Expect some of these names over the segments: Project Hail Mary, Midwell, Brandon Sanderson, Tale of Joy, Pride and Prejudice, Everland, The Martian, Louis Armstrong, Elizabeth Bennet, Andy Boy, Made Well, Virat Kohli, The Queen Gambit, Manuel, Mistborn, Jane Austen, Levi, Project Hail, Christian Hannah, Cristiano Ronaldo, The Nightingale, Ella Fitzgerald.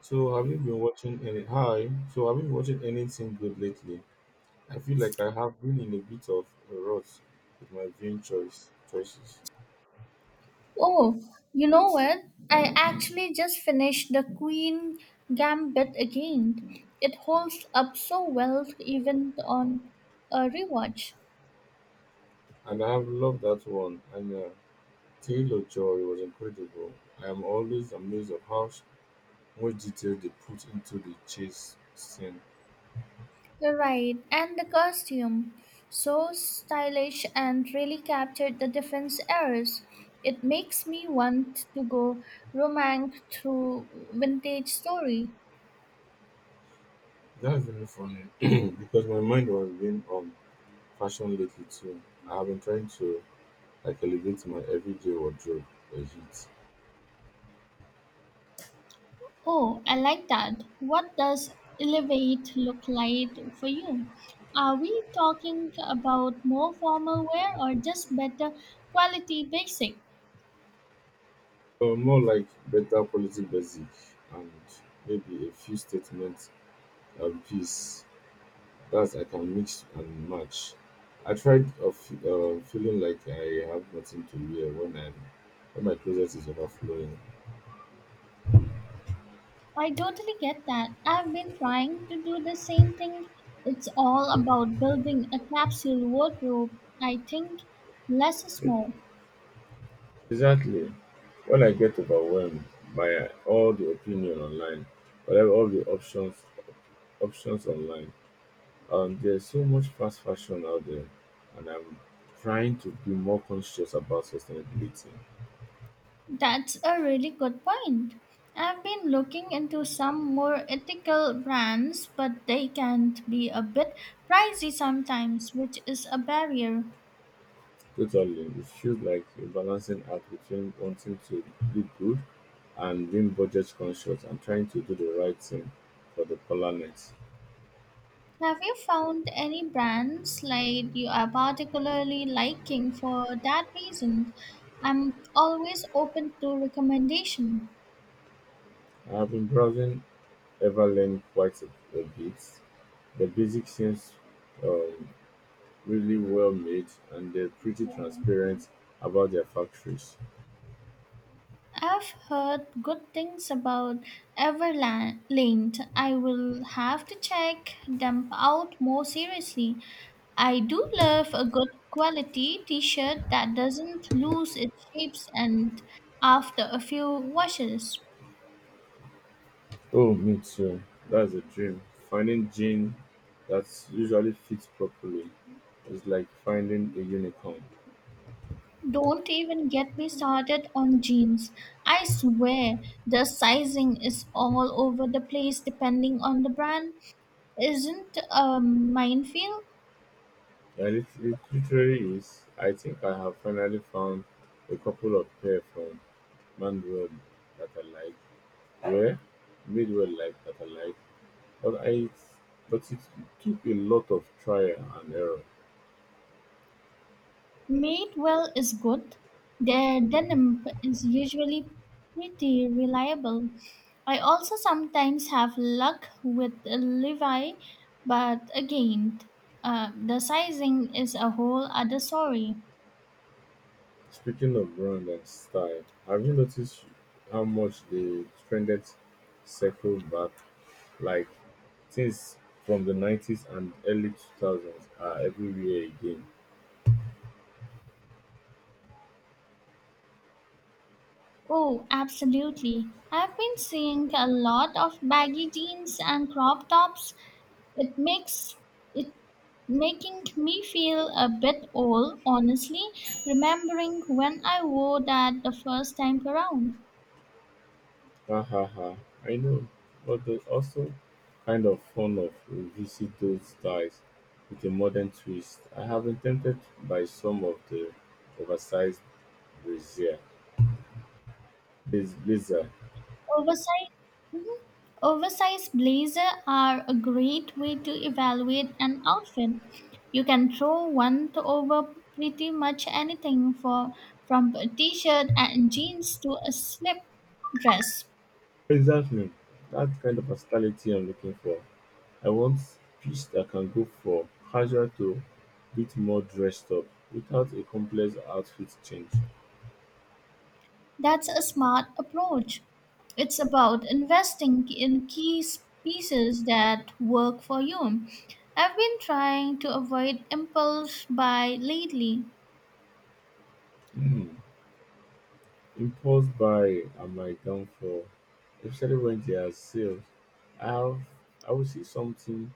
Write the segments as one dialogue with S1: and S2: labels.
S1: So have you been watching any hi? So have you been watching anything good lately? I feel like I have been in a bit of a rut with my viewing choices.
S2: Oh, you know what? I actually just finished The Queen Gambit again. It holds up so well even on a rewatch.
S1: And I have loved that one. And Tale of Joy was incredible. I am always amazed of much detail they put into the chase scene.
S2: You're right, and the costume. So stylish and really captured the defense eras. It makes me want to go romance through vintage story.
S1: That's really funny because my mind was being on fashion lately too. I have been trying to like elevate my everyday wardrobe a bit.
S2: Oh, I like that. What does elevate look like for you? Are we talking about more formal wear or just better quality basic?
S1: More like better quality basic and maybe a few statements and piece that I can mix and match. I tried of Feeling like I have nothing to wear when my closet is overflowing.
S2: I totally get that. I've been trying to do the same thing. It's all about building a capsule wardrobe. I think less is more.
S1: Exactly. When I get overwhelmed by all the opinion online, whatever all the options online, there's so much fast fashion out there, and I'm trying to be more conscious about sustainability.
S2: That's a really good point. I've been looking into some more ethical brands, but they can be a bit pricey sometimes, which is a barrier.
S1: Totally. It feels like a balancing act between wanting to look good and being budget conscious and trying to do the right thing for the planet.
S2: Have you found any brands like you are particularly liking for that reason? I'm always open to recommendation.
S1: I have been browsing Everland a bit. The basic seems um, really well made and they're pretty transparent about their factories.
S2: I've heard good things about Everland. I will have to check them out more seriously. I do love a good quality t-shirt that doesn't lose its shapes and after a few washes.
S1: Oh, me too. That's a dream. Finding jean that usually fits properly is like finding a unicorn.
S2: Don't even get me started on jeans. I swear the sizing is all over the place depending on the brand. Isn't a minefield?
S1: Yeah, literally is. I think I have finally found a couple of pair from Manuel that I like. Where? Midwell like that I like. But I but it took a lot of trial and error.
S2: Made well is good. Their denim is usually pretty reliable. I also sometimes have luck with Levi, but again, the sizing is a whole other story.
S1: Speaking of brand and style, have you noticed how much the trended circle back like things from the 90s and early 2000s are everywhere again?
S2: Oh, absolutely. I've been seeing a lot of baggy jeans and crop tops. It makes it making me feel a bit old, honestly, remembering when I wore that the first time around.
S1: Ha ha ha. I know, but there's also kind of fun of revisit those styles with a modern twist. I have been tempted by some of the oversized brazier, blazer.
S2: Oversized, mhm, oversized blazer are a great way to evaluate an outfit. You can throw one to over pretty much anything for from a t-shirt and jeans to a slip dress.
S1: Exactly. That kind of versatility I'm looking for. I want piece that can go from casual to bit more dressed up without a complex outfit change.
S2: That's a smart approach. It's about investing in pieces that work for you. I've been trying to avoid impulse buy lately.
S1: Hmm. Impulse buying are my downfall, especially when they are sales. I'll I will see something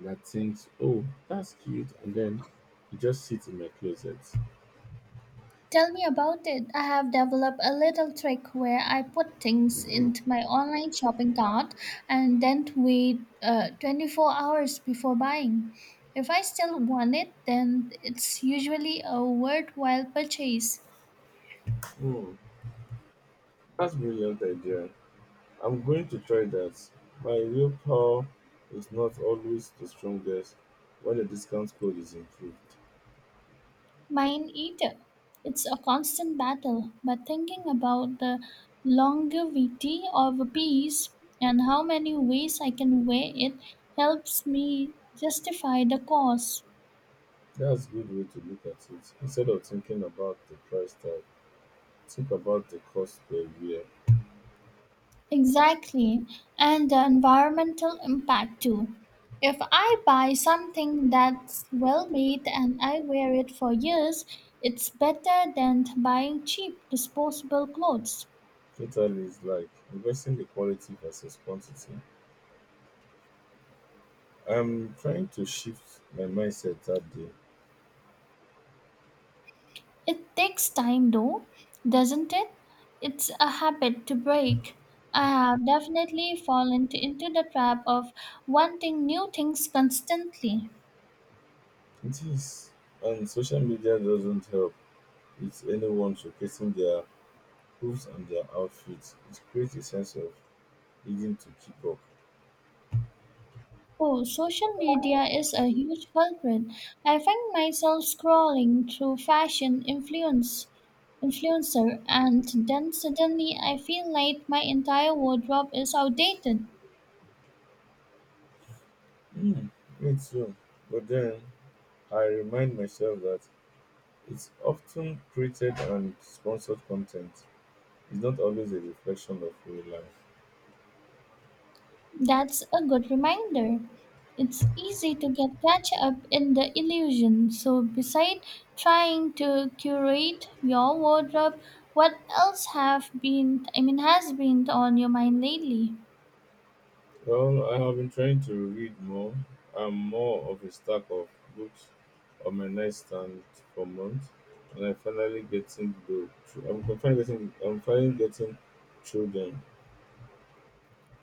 S1: that thinks, oh, that's cute, and then it just sits in my closet.
S2: Tell me about it. I have developed a little trick where I put things into my online shopping cart and then wait 24 hours before buying. If I still want it, then it's usually a worthwhile purchase.
S1: Hmm, that's brilliant idea. I'm going to try that. My willpower is not always the strongest when the discount code is improved.
S2: Mine either. It's a constant battle, but thinking about the longevity of a piece and how many ways I can wear it helps me justify the cost.
S1: That's a good way to look at it. Instead of thinking about the price tag, think about the cost per year.
S2: Exactly, and the environmental impact too. If I buy something that's well made and I wear it for years, it's better than buying cheap disposable clothes.
S1: Totally, it's like investing the quality versus quantity. I'm trying to shift my mindset that day.
S2: It takes time though, doesn't it? It's a habit to break. I have definitely into the trap of wanting new things constantly.
S1: It is, and social media doesn't help. It's anyone showcasing their hooves and their outfits. It creates a sense of needing to keep up.
S2: Oh, social media is a huge culprit. I find myself scrolling through fashion influencer and then suddenly I feel like my entire wardrobe is outdated.
S1: Mm, me too. But then I remind myself that it's often created and sponsored content. It's not always a reflection of real life.
S2: That's a good reminder. It's easy to get catch up in the illusion. So, beside trying to curate your wardrobe, what else have been I mean has been on your mind lately?
S1: Well, I have been trying to read more. I'm more of a stack of books on my nightstand for months, and I finally getting I'm finally getting through them.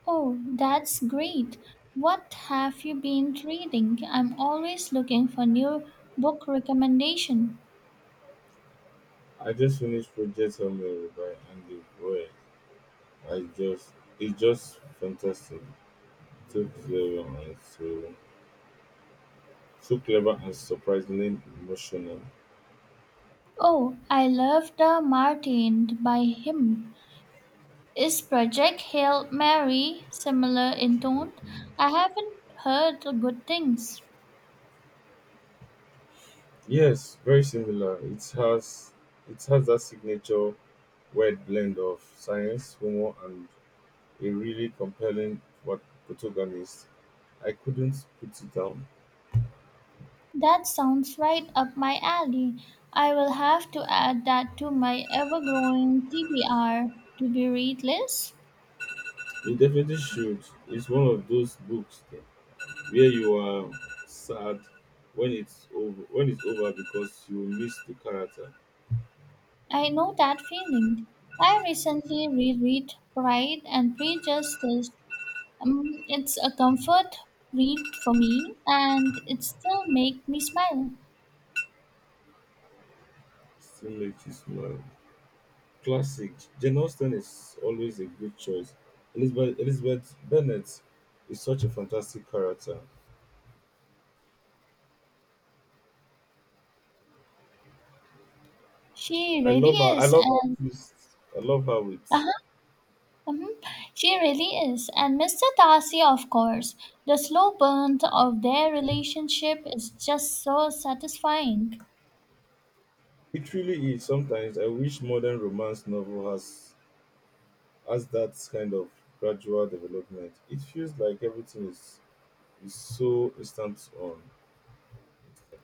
S2: Oh, that's great. What have you been reading? I'm always looking for new book recommendation.
S1: I just finished Project Hail by Andy Boy. I just. It's just fantastic. So clever and so so clever and surprisingly emotional.
S2: Oh, I love The Martin by him. Is Project Hail Mary similar in tone? I haven't heard good things.
S1: Yes, very similar. It has that signature weird blend of science, humor, and a really compelling protagonist. I couldn't put it down.
S2: That sounds right up my alley. I will have to add that to my ever growing TBR, to be read list.
S1: You definitely should. It's one of those books where you are sad when it's over because you miss the character.
S2: I know that feeling. I recently reread Pride and Prejudice. It's a comfort read for me and it still makes me smile.
S1: Still makes you smile. Classic. Jane Austen is always a good choice. Elizabeth Bennet is such a fantastic character.
S2: She
S1: I
S2: really
S1: love her. I
S2: is,
S1: love her
S2: and
S1: twist. I love how it.
S2: uh mhm. She really is. And Mr. Darcy, of course, the slow burn of their relationship is just so satisfying.
S1: It really is. Sometimes I wish modern romance novel has that kind of gradual development. It feels like everything is so instant on.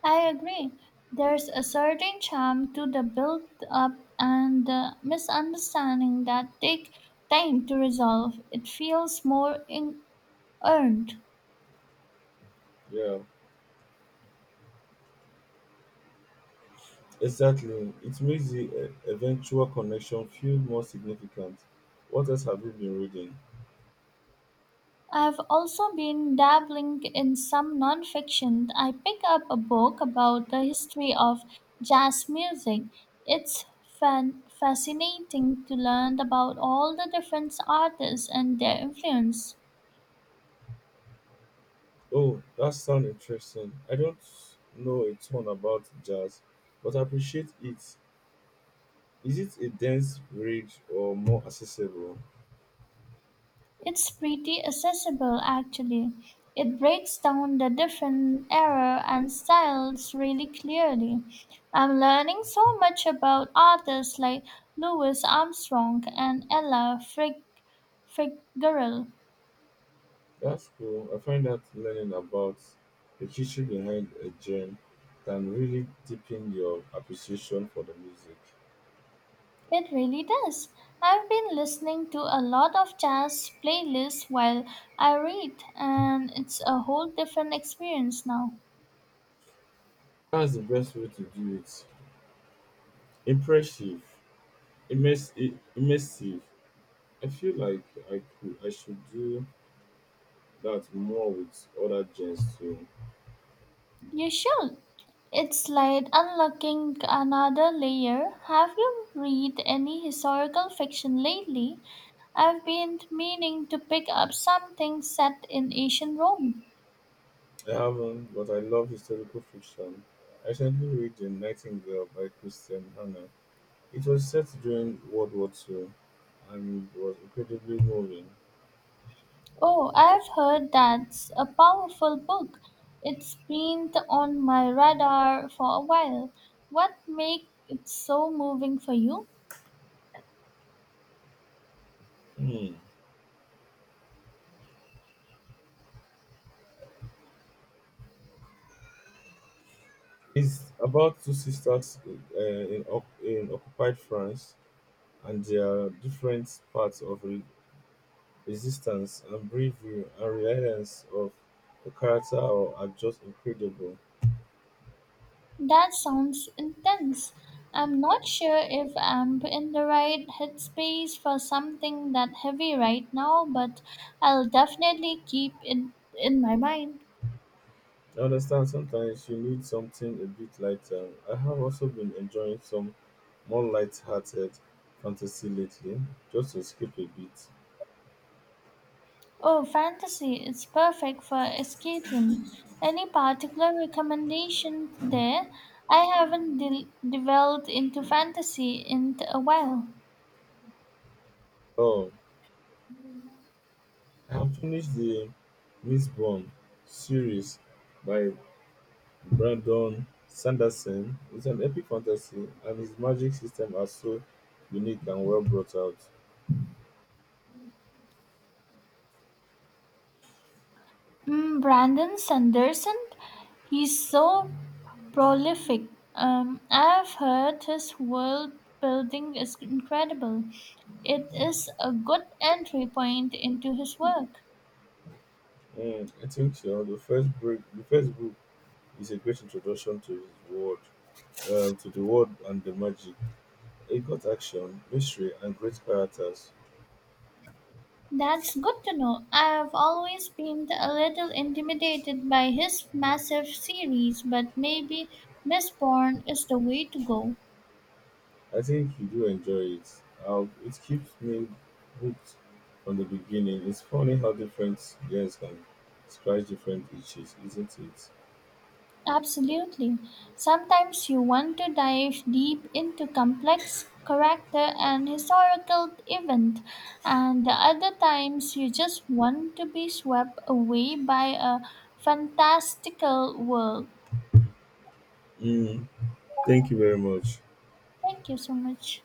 S2: I agree. There's a certain charm to the build up and the misunderstanding that take time to resolve. It feels more earned.
S1: Yeah, exactly. It makes the eventual connection feel more significant. What else have you been reading?
S2: I've also been dabbling in some nonfiction. I picked up a book about the history of jazz music. It's fascinating to learn about all the different artists and their influence.
S1: Oh, that sounds interesting. I don't know a ton about jazz, but I appreciate it. Is it a dense read or more accessible?
S2: It's pretty accessible actually. It breaks down the different era and styles really clearly. I'm learning so much about artists like Louis Armstrong and Fitzgerald.
S1: That's cool. I find that learning about the history behind a genre can really deepen your appreciation for the music.
S2: It really does. I've been listening to a lot of jazz playlists while I read, and it's a whole different experience now.
S1: That's the best way to do it. Impressive, immersive. I feel like I should do that more with other genres too.
S2: You should. It's like unlocking another layer. Have you read any historical fiction lately? I've been meaning to pick up something set in ancient Rome.
S1: I haven't, but I love historical fiction. I recently read *The Nightingale* by Christian Hannah. It was set during World War Two and was incredibly moving.
S2: Oh, I've heard that's a powerful book. It's been on my radar for a while. What makes it so moving for you?
S1: Hmm. It's about two sisters in occupied France and their different parts of resistance and bravery and reliance of the character are just incredible.
S2: That sounds intense. I'm not sure if I'm in the right headspace for something that heavy right now, but I'll definitely keep it in my mind.
S1: I understand sometimes you need something a bit lighter. I have also been enjoying some more light-hearted fantasy lately, just to skip a bit.
S2: Oh, fantasy, it's perfect for escapism. Any particular recommendation there? I haven't delved into fantasy in a while.
S1: Oh, and finished the Mistborn series by Brandon Sanderson. It's an epic fantasy, and his magic system are so unique and well brought out.
S2: Mm, Brandon Sanderson, he's so prolific. I've heard his world building is incredible. It is a good entry point into his work.
S1: Mm, I think you know, the first book is a great introduction to his world, to the world and the magic. It got action, mystery, and great characters.
S2: That's good to know. I've always been a little intimidated by his massive series, but maybe Mistborn is the way to go.
S1: I think you do enjoy it. It keeps me hooked from the beginning. It's funny how different years can scratch different itches, isn't it?
S2: Absolutely. Sometimes you want to dive deep into complex character and historical event, and the other times you just want to be swept away by a fantastical world.
S1: Mm, thank you very much.
S2: Thank you so much.